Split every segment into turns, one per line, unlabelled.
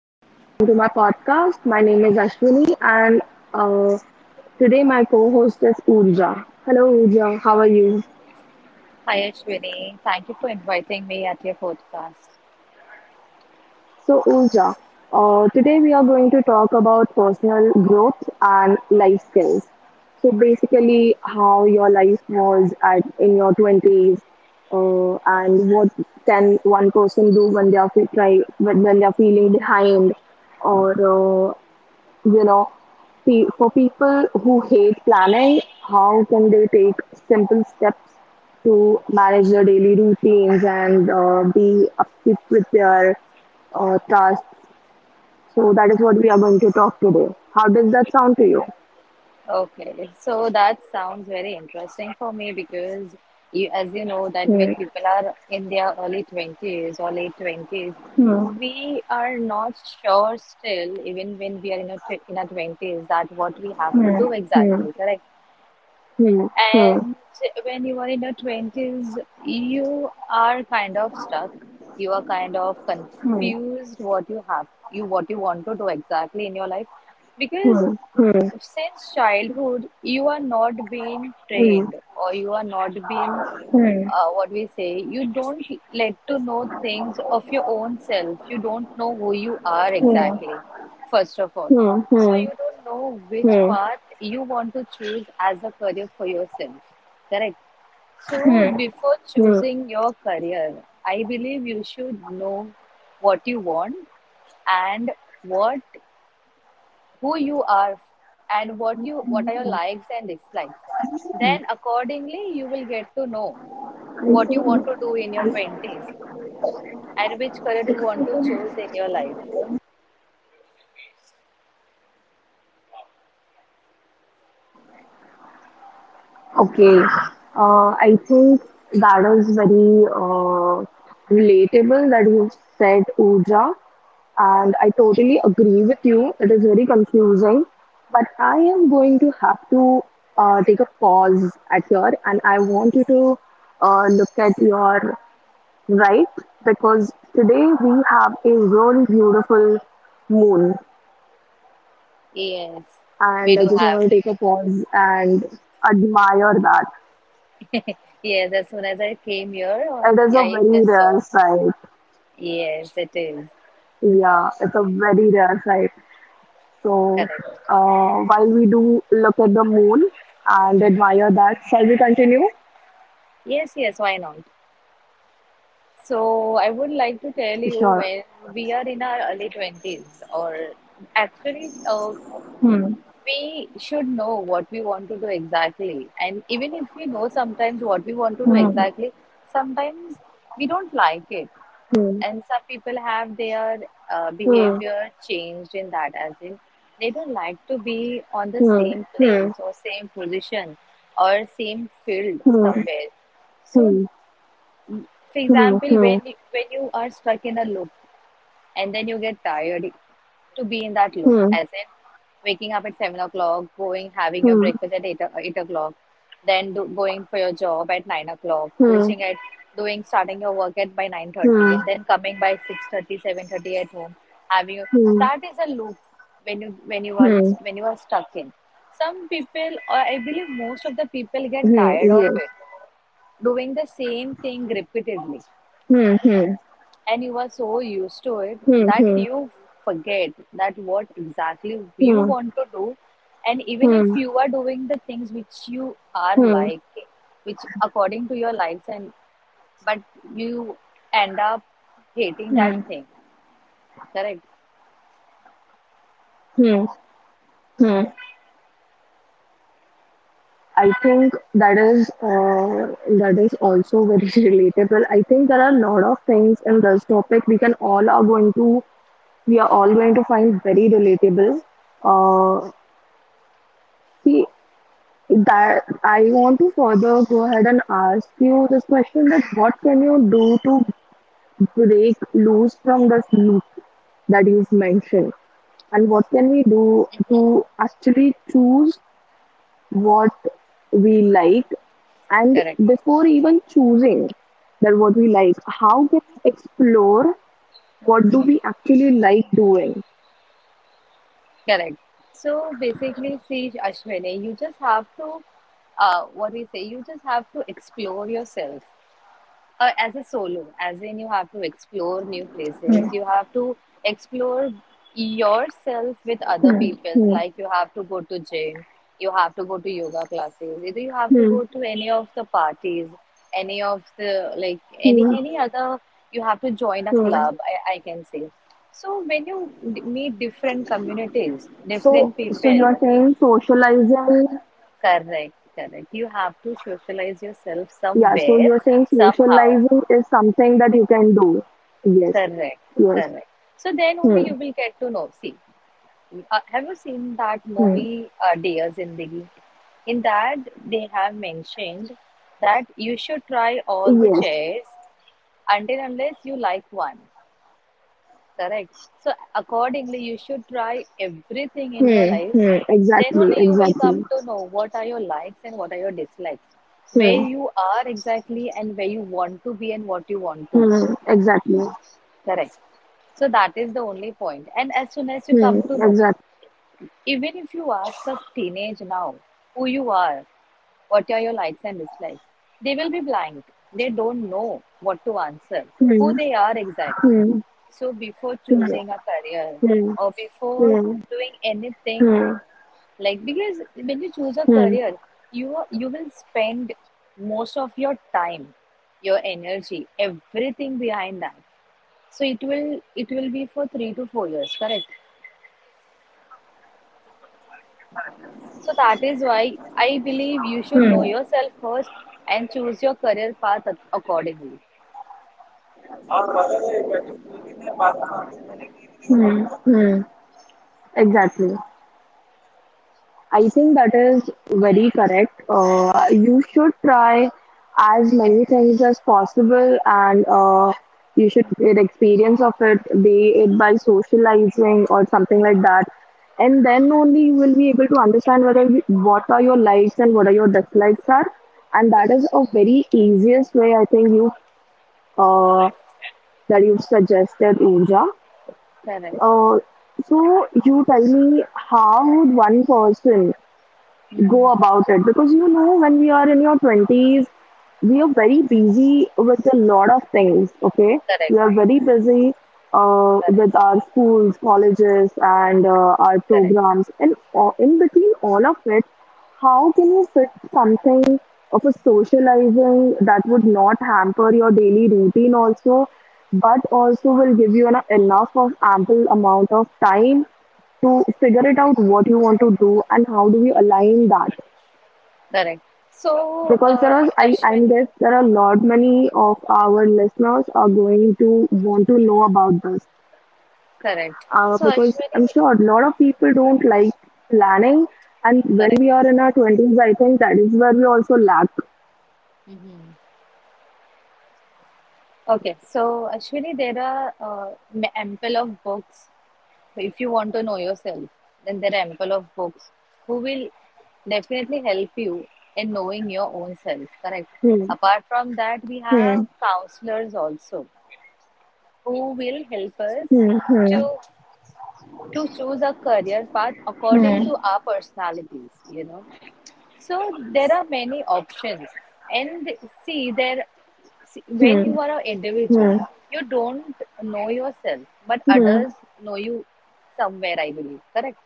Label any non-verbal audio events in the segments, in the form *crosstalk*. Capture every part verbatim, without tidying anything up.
Hello, welcome to my podcast. My name is Ashwini, and uh, today my co host is Urja. Hello, Urja, how are you?
Hi, Ashwini. Thank you for inviting me at your podcast.
So, Urja, uh, today we are going to talk about personal growth and life skills. So, basically, how your life was at in your twenties, uh, and what can one person do when they are fe- try when, when they are feeling behind, or uh, you know pe- for people who hate planning, how can they take simple steps to manage their daily routines and uh, be upkeep with their uh, tasks? So that is what we are going to talk today. How does that sound to you?
Okay, so that sounds very interesting for me because you, as you know, that
Hmm,
when people are in their early twenties or late twenties,
hmm,
we are not sure still, even when we are in our, tw- in our twenties, that what we have to do
hmm,
exactly, correct?
hmm, hmm, hmm,
And when you are in your twenties, you are kind of stuck. You are kind of confused what you have, you what you want to do exactly in your life. Because
hmm,
since childhood, you are not being trained or you are not being uh, what we say, you don't let to know things of your own self. You don't know who you are exactly, first of all. So you don't know which path you want to choose as a career for yourself. Correct. So before choosing your career, I believe you should know what you want and what who you are and what you what are your likes and dislikes, then accordingly you will get to know
hmm, hmm,
what you
hmm,
want to do in your
hmm,
twenties and which career you want to choose
hmm.
in your life.
Okay. Uh, I think that is very uh, relatable that you said, Uja, and I totally agree with you. It is very confusing, but I am going to have to uh, take a pause at here, and I want you to uh, look at your right, because today we have a really beautiful moon,
Yes, we
and I
do
just
have.
want to take a pause and admire that.
*laughs* Yes, as soon as I came here, uh,
It is a
I
very
just
rare
saw.
sight.
Yes, it is.
Yeah, it's a very rare sight. So,
Correct.
uh, while we do look at the moon and admire that, shall we continue?
Yes, yes, why not? So I would like to tell you,
Sure.
when we are in our early twenties, or actually, uh,
Hmm.
we should know what we want to do exactly. And even if we know sometimes what we want to do
Hmm.
exactly, sometimes we don't like it.
Hmm.
And some people have their uh,
Hmm.
behavior changed, in that, as in they don't like to be on the
Hmm.
same
Hmm.
place or same position or same field somewhere. So,
Hmm.
for
Hmm.
example,
Hmm.
when when you are stuck in a loop and then you get tired to be in that loop,
Hmm. Hmm.
as in waking up at seven o'clock, going, having your breakfast at eight, o- eight o'clock, then do, going for your job at nine o'clock,
Hmm. Hmm.
reaching at doing starting your work at by
Hmm.
nine thirty, and then coming by six thirty, seven thirty at home, having your-
Hmm.
that is a loop. When you when you are in,
Hmm.
when you are stuck in, some people, or I believe most of the people, get
Hmm.
tired of
Yes.
it, doing the same thing repeatedly,
Hmm. Hmm.
and you are so used to it that
Hmm.
you forget that what exactly you
Hmm.
want to do. And even if
Hmm.
you are doing the things which you are
Hmm. Hmm.
like which according to your likes, and but you end up hating that
Hmm.
thing. Correct.
Hmm. Hmm. I think that is uh, that is also very *laughs* relatable. I think there are a lot of things in this topic we can all are going to we are all going to find very relatable. Uh, See, that I want to further go ahead and ask you this question, that what can you do to break loose from this loop that you've mentioned, and what can we do to actually choose what we like? And
Correct.
before even choosing that what we like, how can we explore what do we actually like doing?
Correct. So basically, see, Ashwini, you just have to uh, what we say you just have to explore yourself, uh, as a solo, as in you have to explore new places, you
Hmm.
have to explore yourself with other
Hmm.
people's.
Hmm.
Like you have to go to gym, you have to go to yoga classes, either you have to
Hmm,
go to any of the parties, any of the, like, any
hmm,
any other. You have to join a
hmm.
club, I, I can say. So when you d- meet different communities,
So,
different
so
people,
you're saying socializing.
correct, correct. You have to socialize yourself
Yeah, so
somewhere,
you're saying
somehow.
socializing is something that you can do. Yes,
Correct,
yes.
correct. So then only
Hmm,
you will get to know. See, uh, have you seen that
hmm.
movie, uh, Dear Zindagi? In that, they have mentioned that you should try all the
Yes.
chairs until unless you like one. Correct. So accordingly, you should try everything in your
Hmm,
life.
hmm.
Then
Exactly,
only you will
exactly.
come to know what are your likes and what are your dislikes, where
Hmm,
you are exactly and where you want to be and what you want to be.
hmm. Exactly.
Correct. So that is the only point. And as soon as you
Hmm,
come to know,
exactly.
even if you ask a teenage now who you are, what are your likes and dislikes, they will be blank. They don't know what to answer, who they are exactly.
Hmm.
So before
Hmm.
choosing a career,
Hmm.
or before
Hmm.
doing anything,
Hmm.
like, because when you choose a career,
Hmm.
you are- you will spend most of your time, your energy, everything behind that. So it will it will be for three to four years, correct? So that is why I believe you should know
Hmm.
yourself first and choose your career path ac- accordingly.
Hmm. Exactly. I think that is very correct. Uh, you should try as many things as possible, and uh, you should get experience of it, be it by socializing or something like that. And then only you will be able to understand whether you, what are your likes and what are your dislikes are. And that is a very easiest way, I think, you uh, that you've suggested, Uja.
Correct,
Uh, so you tell me, how would one person go about it? Because you know when we are in your twenties, we are very busy with a lot of things. Okay,
correct,
we are very busy
correct,
uh, with our schools, colleges, and uh, our
correct,
programs, and uh, in between all of it, how can you fit something of a socializing that would not hamper your daily routine also, but also will give you an, enough of ample amount of time to figure it out what you want to do, and how do we align that?
correct. So,
Because
uh,
there are, I, I
Ashwini,
guess there are a lot many of our listeners are going to want to know about this,
correct.
uh,
So,
because I'm
Ashwini,
sure a lot of people don't like planning, and when
correct.
we are in our twenties, I think that is where we also lack.
Hmm. Okay, so Ashwini, there are uh, m- ample of books. If you want to know yourself, then there are ample of books who will definitely help you in knowing your own self, correct?
Hmm,
Apart from that, we
hmm,
have counselors also who will help us
hmm, hmm,
to to choose a career path according to our personalities, you know. So there are many options. And see, there see,
hmm, hmm,
when
hmm,
you are an individual, you don't know yourself, but
hmm, hmm,
others know you somewhere, I believe, correct?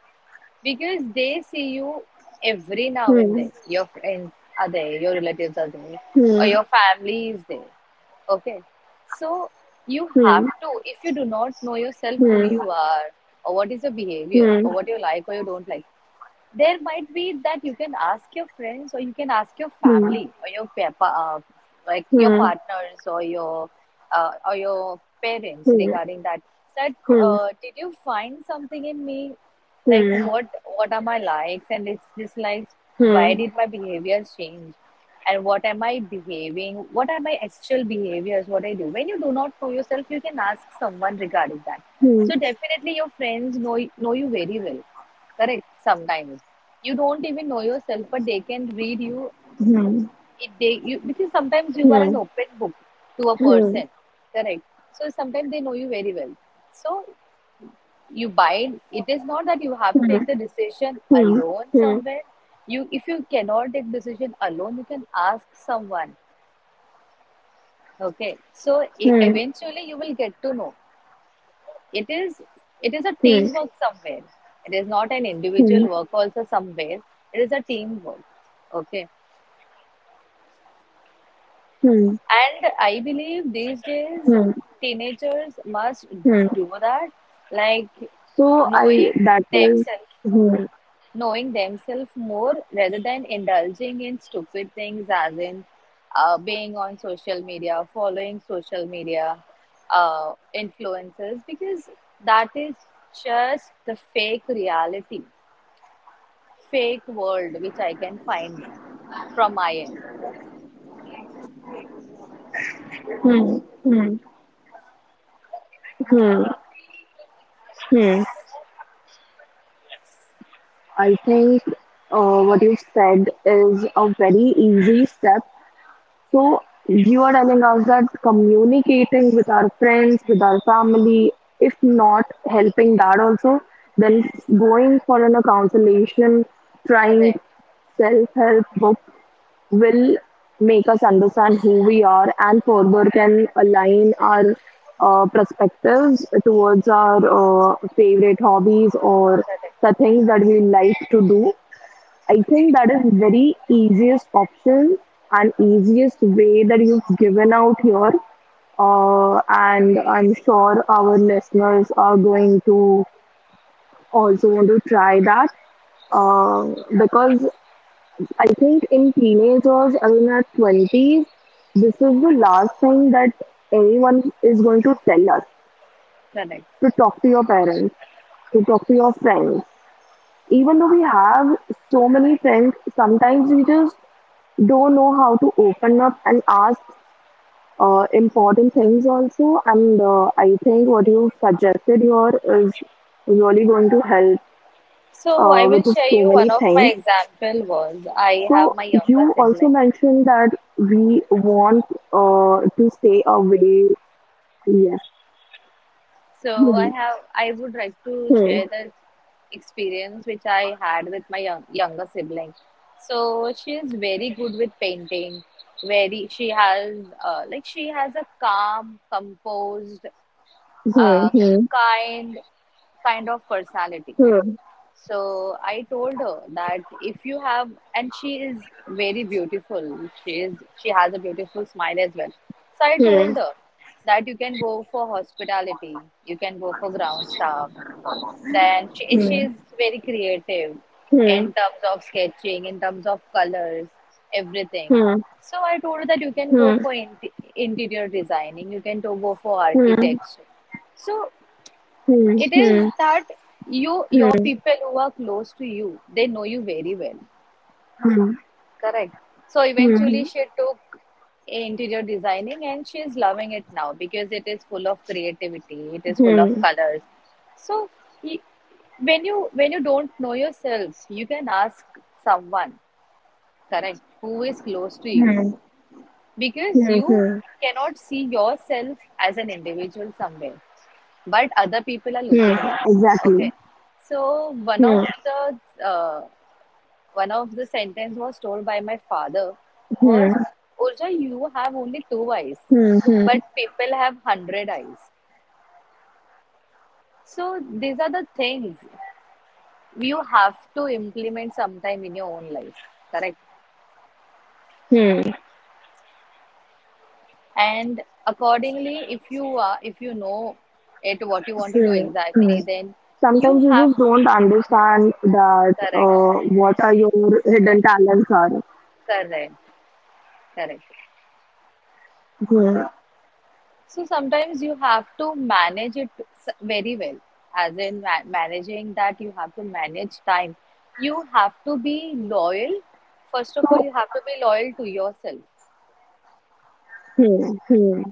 Because they see you every now and
hmm,
then. Your friends are there, your relatives are there,
hmm, hmm,
or
hmm, hmm,
your family is there. Okay, so you have to, if you do not know
hmm, hmm, hmm, hmm,
yourself
hmm, hmm,
who
hmm, hmm,
you
hmm,
are, or what is your behavior, or what you like or you don't like, there might be that you can ask your friends or you can ask your family, or your pa- pa- uh, like your partners, or your uh, or your parents, regarding that, that uh, did you find something in me, like, what what are my likes and dis- dislikes, why did my behaviors change, and what am I behaving, what are my actual behaviors, what I do. When you do not know yourself, you can ask someone regarding that. So definitely your friends know know you very well, correct? Sometimes you don't even know yourself, but they can read you it they you because sometimes you are an
hmm,
open book to a person, correct? So sometimes they know you very well. So you bind, it is not that you have to
hmm,
take the decision
hmm,
alone
hmm,
somewhere. You if you cannot take decision alone, you can ask someone. Okay, so e-
hmm.
eventually you will get to know, it is it is a
Hmm.
teamwork somewhere, it is not an individual
Hmm.
work also somewhere, it is a teamwork. Okay.
Hmm.
And I believe these days
Hmm.
teenagers must
Hmm.
do that, like,
So I
knowing
that is.
themselves,
Hmm.
knowing themselves more, rather than indulging in stupid things, as in, uh, being on social media, following social media uh, influencers, because that is just the fake reality, fake world, which I can find from my end.
Hmm. Hmm. Hmm. Hmm. I think uh, what you've said is a very easy step. So you are telling us that communicating with our friends, with our family, if not helping that also, then going for an a counselation,
Correct,
trying self help books will make us understand who we are, and further can align our uh, perspectives towards our uh, favorite hobbies or the things that we like to do. I think that is very easiest option and easiest way that you've given out here. Uh, and I'm sure our listeners are going to also want to try that, uh, because I think in teenagers or in our twenties, this is the last thing that anyone is going to tell us,
correct.
to talk to your parents, to talk to your friends. Even though we have so many friends, sometimes we just don't know how to open up and ask uh, important things also. And uh, I think what you suggested here is really going to help,
So I
uh,
will
with
share
so
you
many
one of my
things.
example. Was, I
So
have my younger
you also
sibling.
mentioned that we want uh, to stay away. Yes.
So I
Hmm,
have I would like to
hmm,
share the experience which I had with my young, younger sibling. So she is very good with painting. Very she has uh, Like, she has a calm, composed, uh,
hmm,
kind kind of personality.
hmm,
So I told her that if you have, and she is very beautiful. She is, she has a beautiful smile as well. So I
hmm, hmm,
told her that you can go for hospitality, you can go for ground staff. Then she, she
hmm,
is very creative
hmm, hmm,
in terms of sketching, in terms of colors, everything. So I told her that you can go for in, interior designing, you can to go for
hmm, hmm,
architecture. So
hmm,
it is that you, your
hmm.
people who are close to you, they know you very well.
Hmm.
Correct. So eventually,
Hmm,
she took interior designing and she is loving it now, because it is full of creativity, it is full of
hmm,
colors. So, y- when you when you don't know yourself, you can ask someone, correct, who is close to you,
hmm,
because
hmm,
you
hmm,
cannot see yourself as an individual somewhere, but other people are
hmm.
looking you.
Exactly.
Okay, so one of
Hmm,
the uh, one of the sentence was told by my father,
hmm,
was, Urja, you have only two eyes,
hmm,
but
hmm,
people have hundred eyes. So these are the things you have to implement sometime in your own life, correct?
hmm,
And accordingly, if you are if you know it, what you want to do
hmm, hmm.
exactly, then you
Sometimes you
have
just
to.
don't understand that
Correct,
uh, what are your hidden talents
correct, correct.
are.
So sometimes you have to manage it s- very well, as in ma managing, that you have to manage time. You have to be loyal. First of all,
Hmm.
you have to be loyal to yourself.
Hmm. Hmm.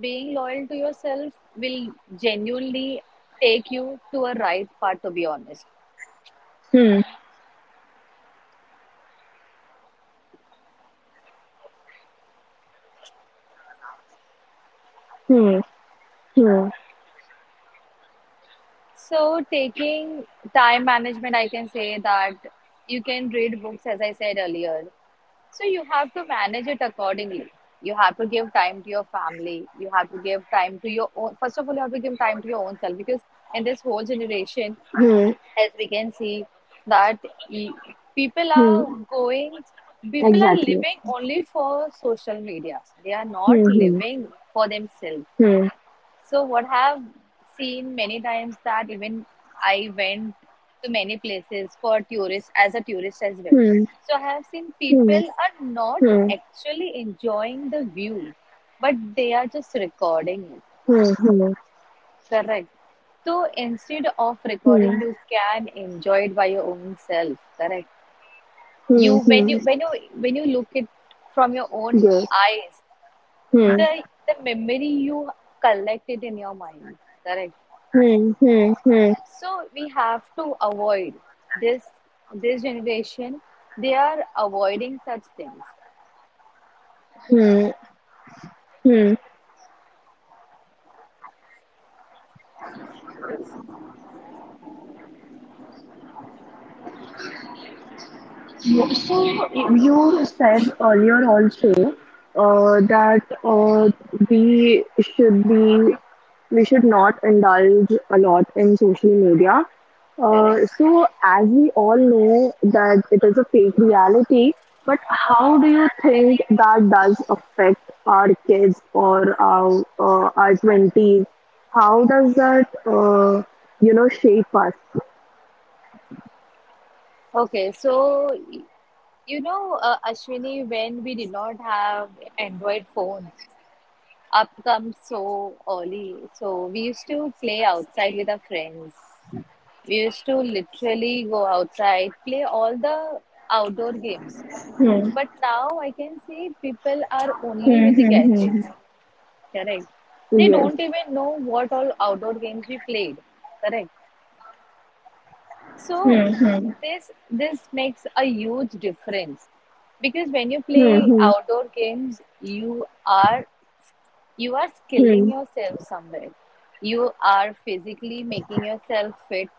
Being loyal to yourself will genuinely take you to a right path, to be honest.
Hmm. Hmm. Hmm.
So, taking time management, I can say that you can read books, as I said earlier. So you have to manage it accordingly. You have to give time to your family. You have to give time to your own. First of all, you have to give time to your own self, because in this whole generation,
Hmm.
as we can see, that e- people are
Hmm.
going, people are
Exactly.
living only for social media. They are not
Hmm.
living for themselves.
Hmm.
So what I've seen many times, that even I went to many places for tourists as a tourist as well.
Hmm.
So I have seen
Hmm.
people are not
Hmm.
actually enjoying the view, but they are just recording it.
Hmm. Hmm.
Correct. So instead of
Hmm.
recording, you can enjoy it by your own self. Correct.
Hmm.
You when
Hmm.
you when you when you look it from your own
Good.
eyes,
Hmm.
the the memory you collect it in your mind. Correct.
Hmm. Hmm. Hmm.
So we have to avoid this this generation, they are avoiding such things.
Hmm. Hmm. You- So you said earlier also uh, that uh, we should be we should not indulge a lot in social media.
Correct.
Uh, so, as we all know that it is a fake reality, but how do you think that does affect our kids or our uh, our twenties? How does that uh, you know shape us?
Okay. So, y- you know, uh, Ashwini, when we did not have Android phones, up comes so early. So we used to play outside with our friends. We used to literally go outside, play all the outdoor games.
Hmm.
But now I can see people are only
Hmm.
with the
Hmm.
gadgets.
Hmm.
Correct. They
Yes.
don't even know what all outdoor games we played. Correct. So
Hmm. Hmm.
this this makes a huge difference, because when you play
Hmm.
outdoor games, you are you are
Hmm.
skilling
Hmm.
yourself somewhere. You are physically making yourself fit,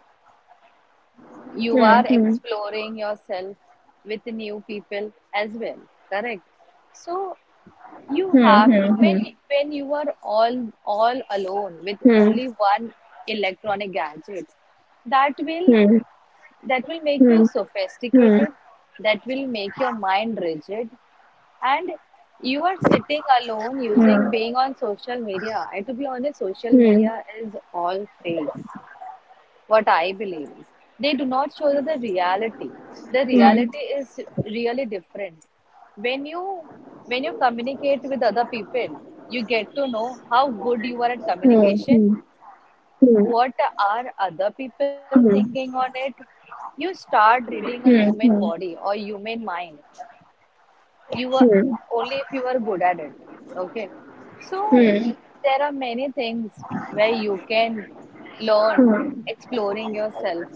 you
Hmm.
are
Hmm.
exploring yourself with new people as well, correct? So you
Hmm. Hmm. Hmm. Hmm. Hmm.
have
Hmm.
to,
Hmm.
when
Hmm.
when you are all all alone with only one electronic gadget, that will that will make you sophisticated, that will make your mind rigid, and you are sitting alone, using
Hmm.
being on social media. And to be honest, social
Hmm.
media is all fake. What I believe is, they do not show you the reality. The
Hmm. Hmm.
reality is really different. When you when you communicate with other people, you get to know how good you are at
Hmm.
communication,
Hmm.
what are other people
Hmm.
thinking on it. You start reading a
Hmm.
human
Hmm.
body or human mind. You are, only if you are good at it. Okay. So
Hmm.
there are many things where you can learn
Hmm.
exploring yourself,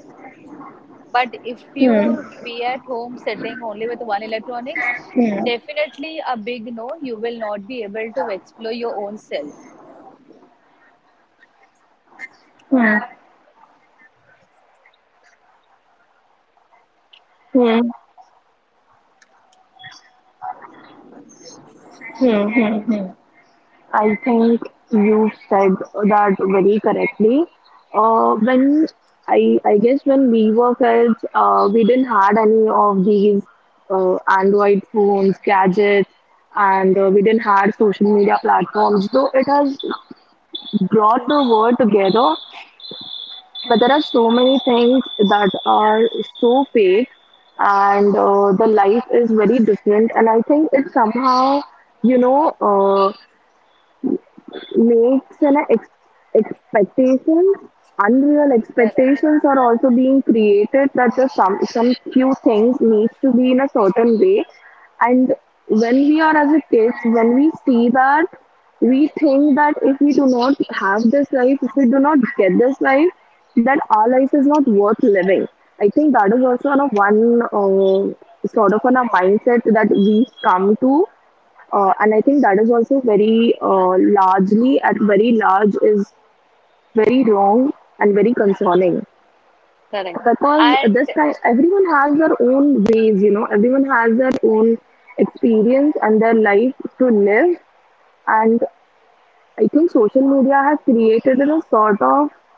but if you
Hmm. Hmm.
be at home sitting only with one electronics,
Hmm. Hmm.
definitely a big no, you will not be able to explore your own self.
Hmm. Hmm. Hmm. hmm. I think you said that very correctly. Uh, when I I guess when we were kids, uh, we didn't had any of these uh, Android phones, gadgets, and uh, we didn't had social media platforms. Though it has brought the world together, but there are so many things that are so fake, and uh, the life is very different, and I think it somehow, you know uh, makes an ex- expectations, unreal
Correct.
expectations are also being created, that the some some few things needs to be in a certain way. And when we are as a kids, when we see that, we think that if we do not have this life, if we do not get this life, that our life is not worth living. I think that is also on a one, uh, sort of on a mindset that we come to, uh, and I think that is also very, uh, largely, at very large, is very wrong and very concerning.
Correct.
Because this
And
time everyone has their own ways, you know, everyone has their own experience and their life to live. And I think social media has created a sort of,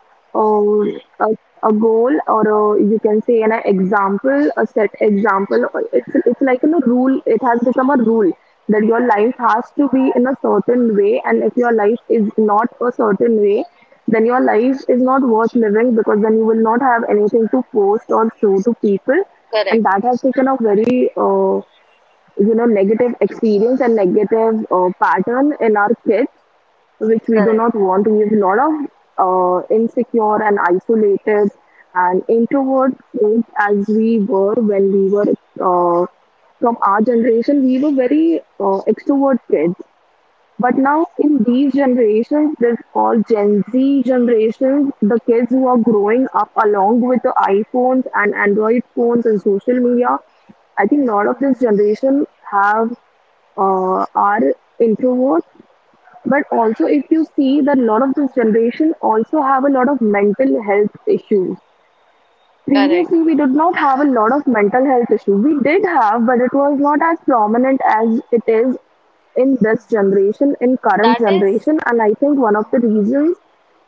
um, a, a goal, or a, you can say, an example, a set example. Or It's, it's like a rule, it has become a rule that your life has to be in a certain way, and if your life is not a certain way, then your life is not worth living, because then you will not have anything to post or show to people. And that has
correct.
taken a very, uh, you know negative experience and negative uh, pattern in our kids, which we do not want. We
Correct.
have a lot of uh, insecure and isolated and introvert kids, as we were. When we were, uh, from our generation, we were very uh, extrovert kids. But now in these generations, that's called Gen Z generations, the kids who are growing up along with the iPhones and Android phones and social media, I think a lot of this generation have uh, are introverts. But also, if you see that a lot of this generation also have a lot of mental health issues.
Correct.
Previously, we did not have a lot of mental health issue. We did have, but it was not as prominent as it is in this generation, in
That
current
is
generation. And I think one of the reasons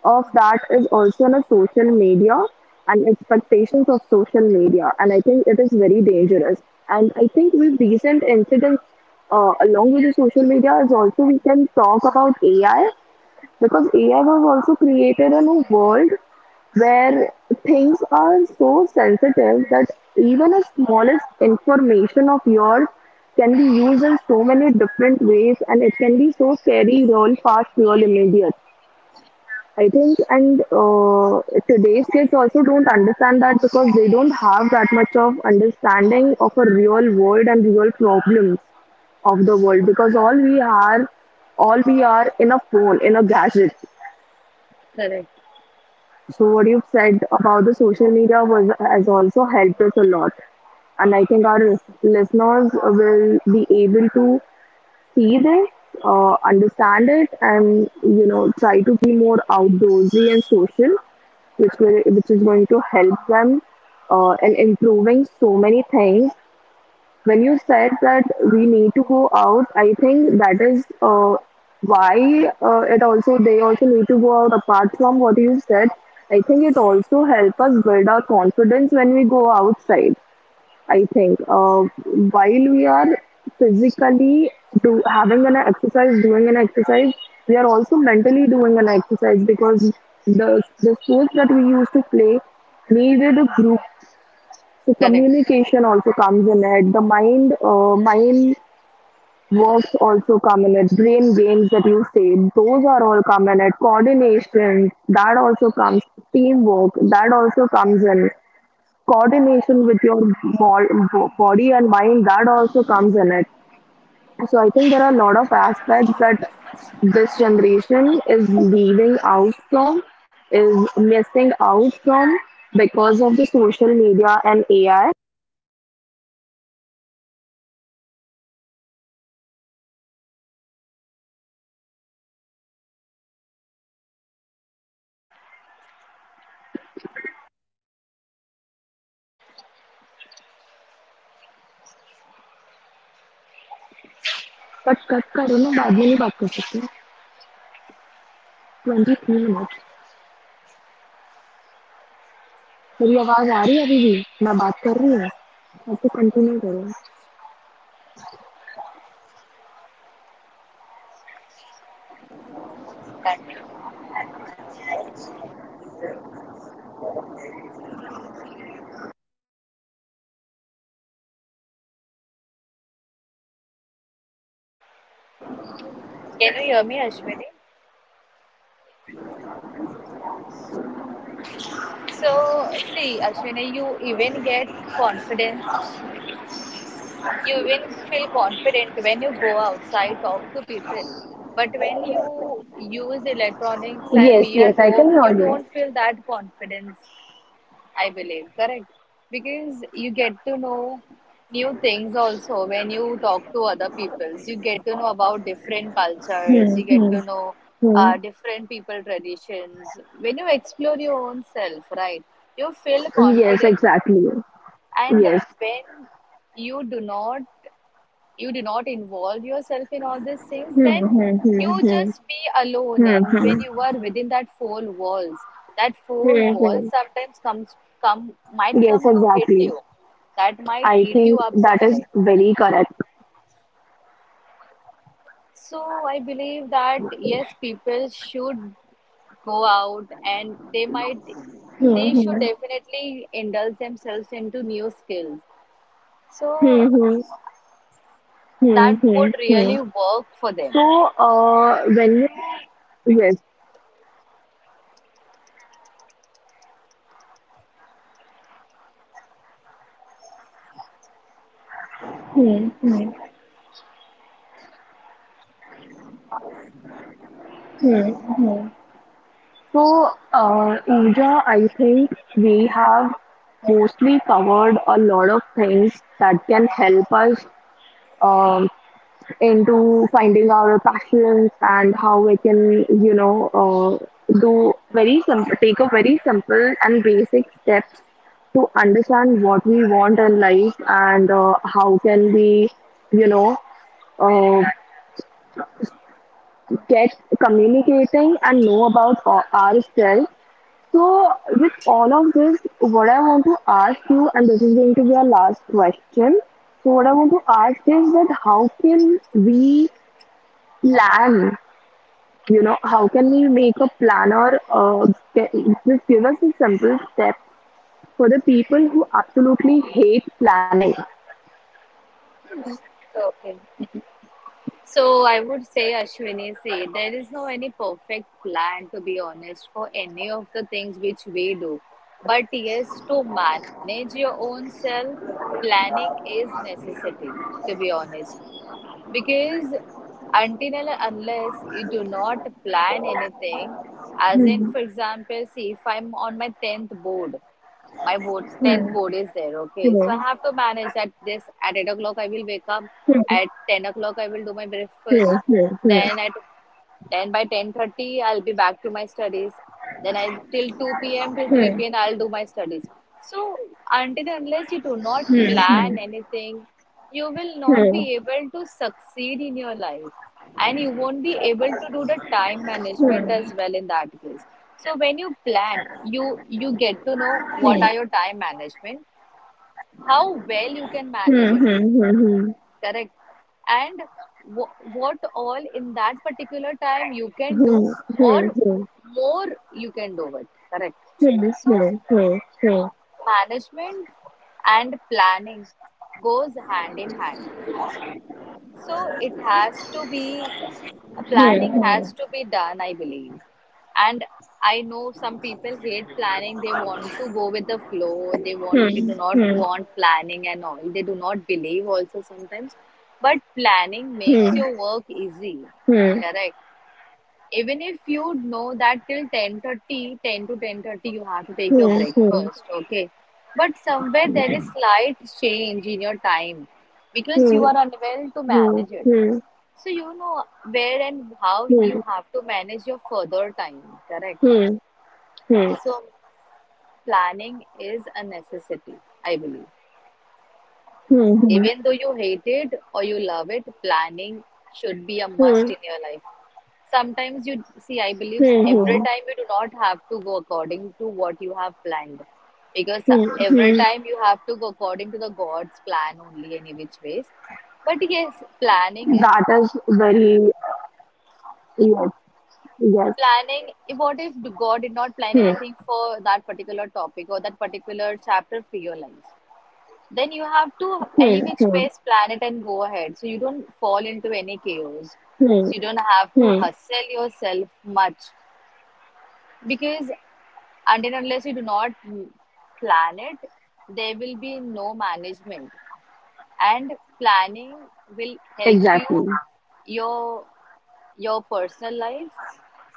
of that is also in a social media and expectations of social media. And I think it is very dangerous. And I think with recent incidents, uh, along with the social media is also, we can talk about A I, because A I has also created a new world where things are so sensitive that even the smallest information of yours can be used in so many different ways, and it can be so scary, real fast, real immediate. I think, and uh, today's kids also don't understand that, because they don't have that much of understanding of a real world and real problems of the world, because all we are, all we are in a phone, in a gadget.
correct.
So what you've said about the social media was has also helped us a lot, and I think our lis- listeners will be able to see this, uh, understand it, and you know try to be more outdoorsy and social, which will which is going to help them uh, in improving so many things when you said that we need to go out. I think that is uh, why uh, it also they also need to go out. Apart from what you said, I think it also help us build our confidence when we go outside. I think uh, while we are physically do having an exercise, doing an exercise, we are also mentally doing an exercise because the the sports that we used to play needed a group, so
Correct.
communication also comes in it. The mind, uh, mind works also come in it. Brain games that you say, those are all come in it. Coordination that also comes. Teamwork that also comes in. Coordination with your bo- body and mind, that also comes in it. So I think there are a lot of aspects that this generation is leaving out from, is missing out from because of the social media and A I. पर कब करो ना बाद में नहीं बात कर सकते. Twenty three minute. मेरी आवाज आ रही है अभी भी, मैं बात कर रही हूँ. अब तो कंटिन्यू करो.
Thank Can you hear me, Ashwini? So, see, Ashwini, you even get confidence. You even feel confident when you go outside, talk to people. But when you use electronics and
yes
be at
yes, I
home,
कन्नी
you
already.
don't feel that confidence. I believe, correct? Because you get to know new things also when you talk to other peoples. You get to know about different cultures,
hmm
you get
hmm
to know uh,
hmm.
different people traditions. When you explore your own self, right, you feel
yes
confident.
Exactly.
And
yes.
when you do not you do not involve yourself in all these things,
hmm
then
hmm
you
hmm
just be alone.
Hmm
And when
hmm
you are within that four walls, that four
hmm
walls
hmm.
sometimes comes come might come
yes
to hit
exactly.
you. That might
I
eat you
think
up
that
someday.
Is very correct.
So I believe that yes, people should go out and they might they
hmm
should
hmm
definitely indulge themselves into new skills. So
hmm
that would
hmm
really work for them.
Hmm hmm. ह. So, uh, Pooja, I think we have mostly covered a lot of things that can help us um, into finding our passions and how we can, you know, uh, do very simple, take a very simple and basic steps to understand what we want in life, and uh, how can we, you know, uh, get communicating and know about o- ourselves. So, with all of this, what I want to ask you, and this is going to be our last question. So, what I want to ask is that how can we plan? You know, how can we make a plan, or uh, ge- just give us a simple step for the people who absolutely hate planning?
Okay. So I would say, Ashwini, see, there is no any perfect plan to be honest for any of the things which we do. But yes, to manage your own self, planning is necessity, to be honest. Because until and unless you do not plan anything, as in,
Hmm,
for example, see, if I'm on my tenth board my board
hmm,
tenth board is there. Okay,
hmm,
so I have to manage that. This at eight o'clock I will wake up.
hmm,
At ten o'clock I will do my
hmm, hmm, hmm, hmm, hmm, hmm, hmm, hmm, hmm, hmm,
breakfast.
hmm, hmm, hmm, hmm, hmm,
Then at then by ten thirty I'll be back to my studies. Then I till two p m till three p m. I'll do my studies. So until and unless you do not plan anything, you will not be able to succeed in your life, and you won't be able to do the time management as well in that case. So when you plan, you you get to know what are your time management, how well you can manage it, correct? And w- what all in that particular time you can do, or more you can do it, correct.
hmm, hmm,
So
hmm, hmm, hmm.
management and planning goes hand in hand. So it has to be A
Hmm.
planning
Hmm.
has to be done, I believe. And I know some people hate planning. They want to go with the flow. They want they do not
Hmm.
want planning and all. They do not believe also sometimes. But planning makes
Hmm.
your work easy.
Hmm.
Correct. Even if you know that till ten thirty, ten to ten thirty you have to take your
Hmm. Hmm. Hmm.
breakfast, okay? But somewhere there is slight change in your time, because you are unable to manage
Hmm.
it,
Hmm.
so you know where and how you have to manage your further time, correct?
Hmm. Hmm. Hmm.
So planning is a necessity, I believe. Even
Hmm.
though you hate it or you love it, planning should be a must in your life. Sometimes you see, I believe
Hmm. Hmm.
every time you do not have to go according to what you have planned. Because
Hmm.
every
Hmm.
time you have to go according to the God's plan only, any which ways. But yes, planning is
That is very, yes, yes.
planning, what if god did not plan
Hmm.
anything for that particular topic or that particular chapter for your life, then you have to
Hmm.
any which
Hmm.
ways plan it and go ahead, so you don't fall into any chaos, so
Hmm.
you don't have to
Hmm.
hustle yourself much. Because until and unless you do not plan it, there will be no management. And planning will help you
Exactly.
your your personal life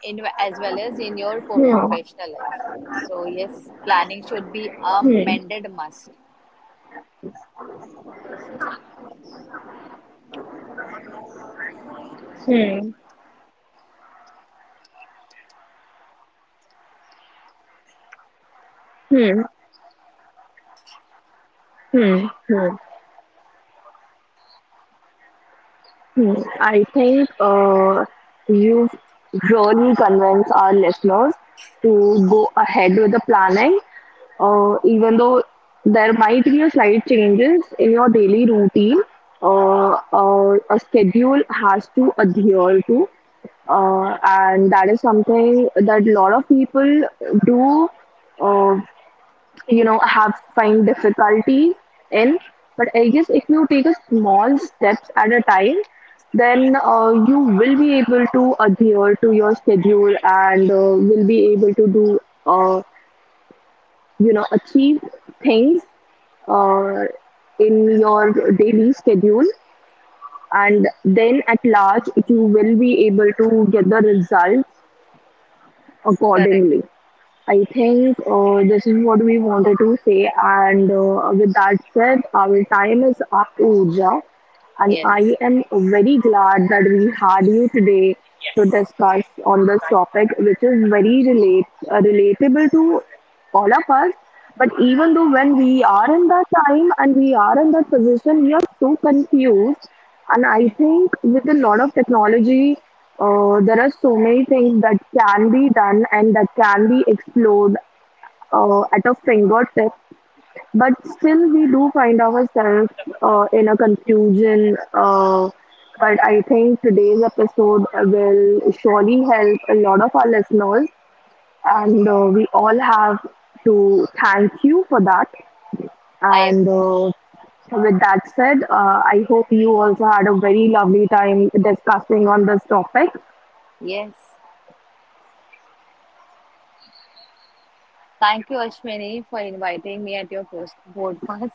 in as well as in your po-
Hmm.
professional life. So yes, planning should be a
Hmm.
mended must.
Hmm. Hmm. Hmm. Hmm. Hmm, I think uh, you really convince our listeners to go ahead with the planning, uh, even though there might be a slight changes in your daily routine. Uh, uh, a schedule has to adhere to, uh, and that is something that a lot of people do. Uh, you know have find difficulty in, but I guess if you take a small steps at a time, then uh, you will be able to adhere to your schedule and uh, will be able to do, uh, you know achieve things uh, in your daily schedule, and then at large you will be able to get the results accordingly.
Correct.
I think uh, this is what we wanted to say, and uh, with that said, our time is up, Uja, and I am
Yes,
very glad that we had you today to discuss on this topic, which is very relate uh, relatable to all of us. But even though when we are in that time and we are in that position, we are so confused. And I think with a lot of technology, uh, there are so many things that can be done and that can be explored uh, at a fingertip, but still we do find ourselves uh, in a confusion, uh, but I think today's episode will surely help a lot of our listeners, and uh, we all have to thank you for that.
I
And uh,
appreciate.
with that said, uh, I hope you also had a very lovely time discussing on this topic.
Yes, thank you, Ashwini, for inviting me at your post podcast.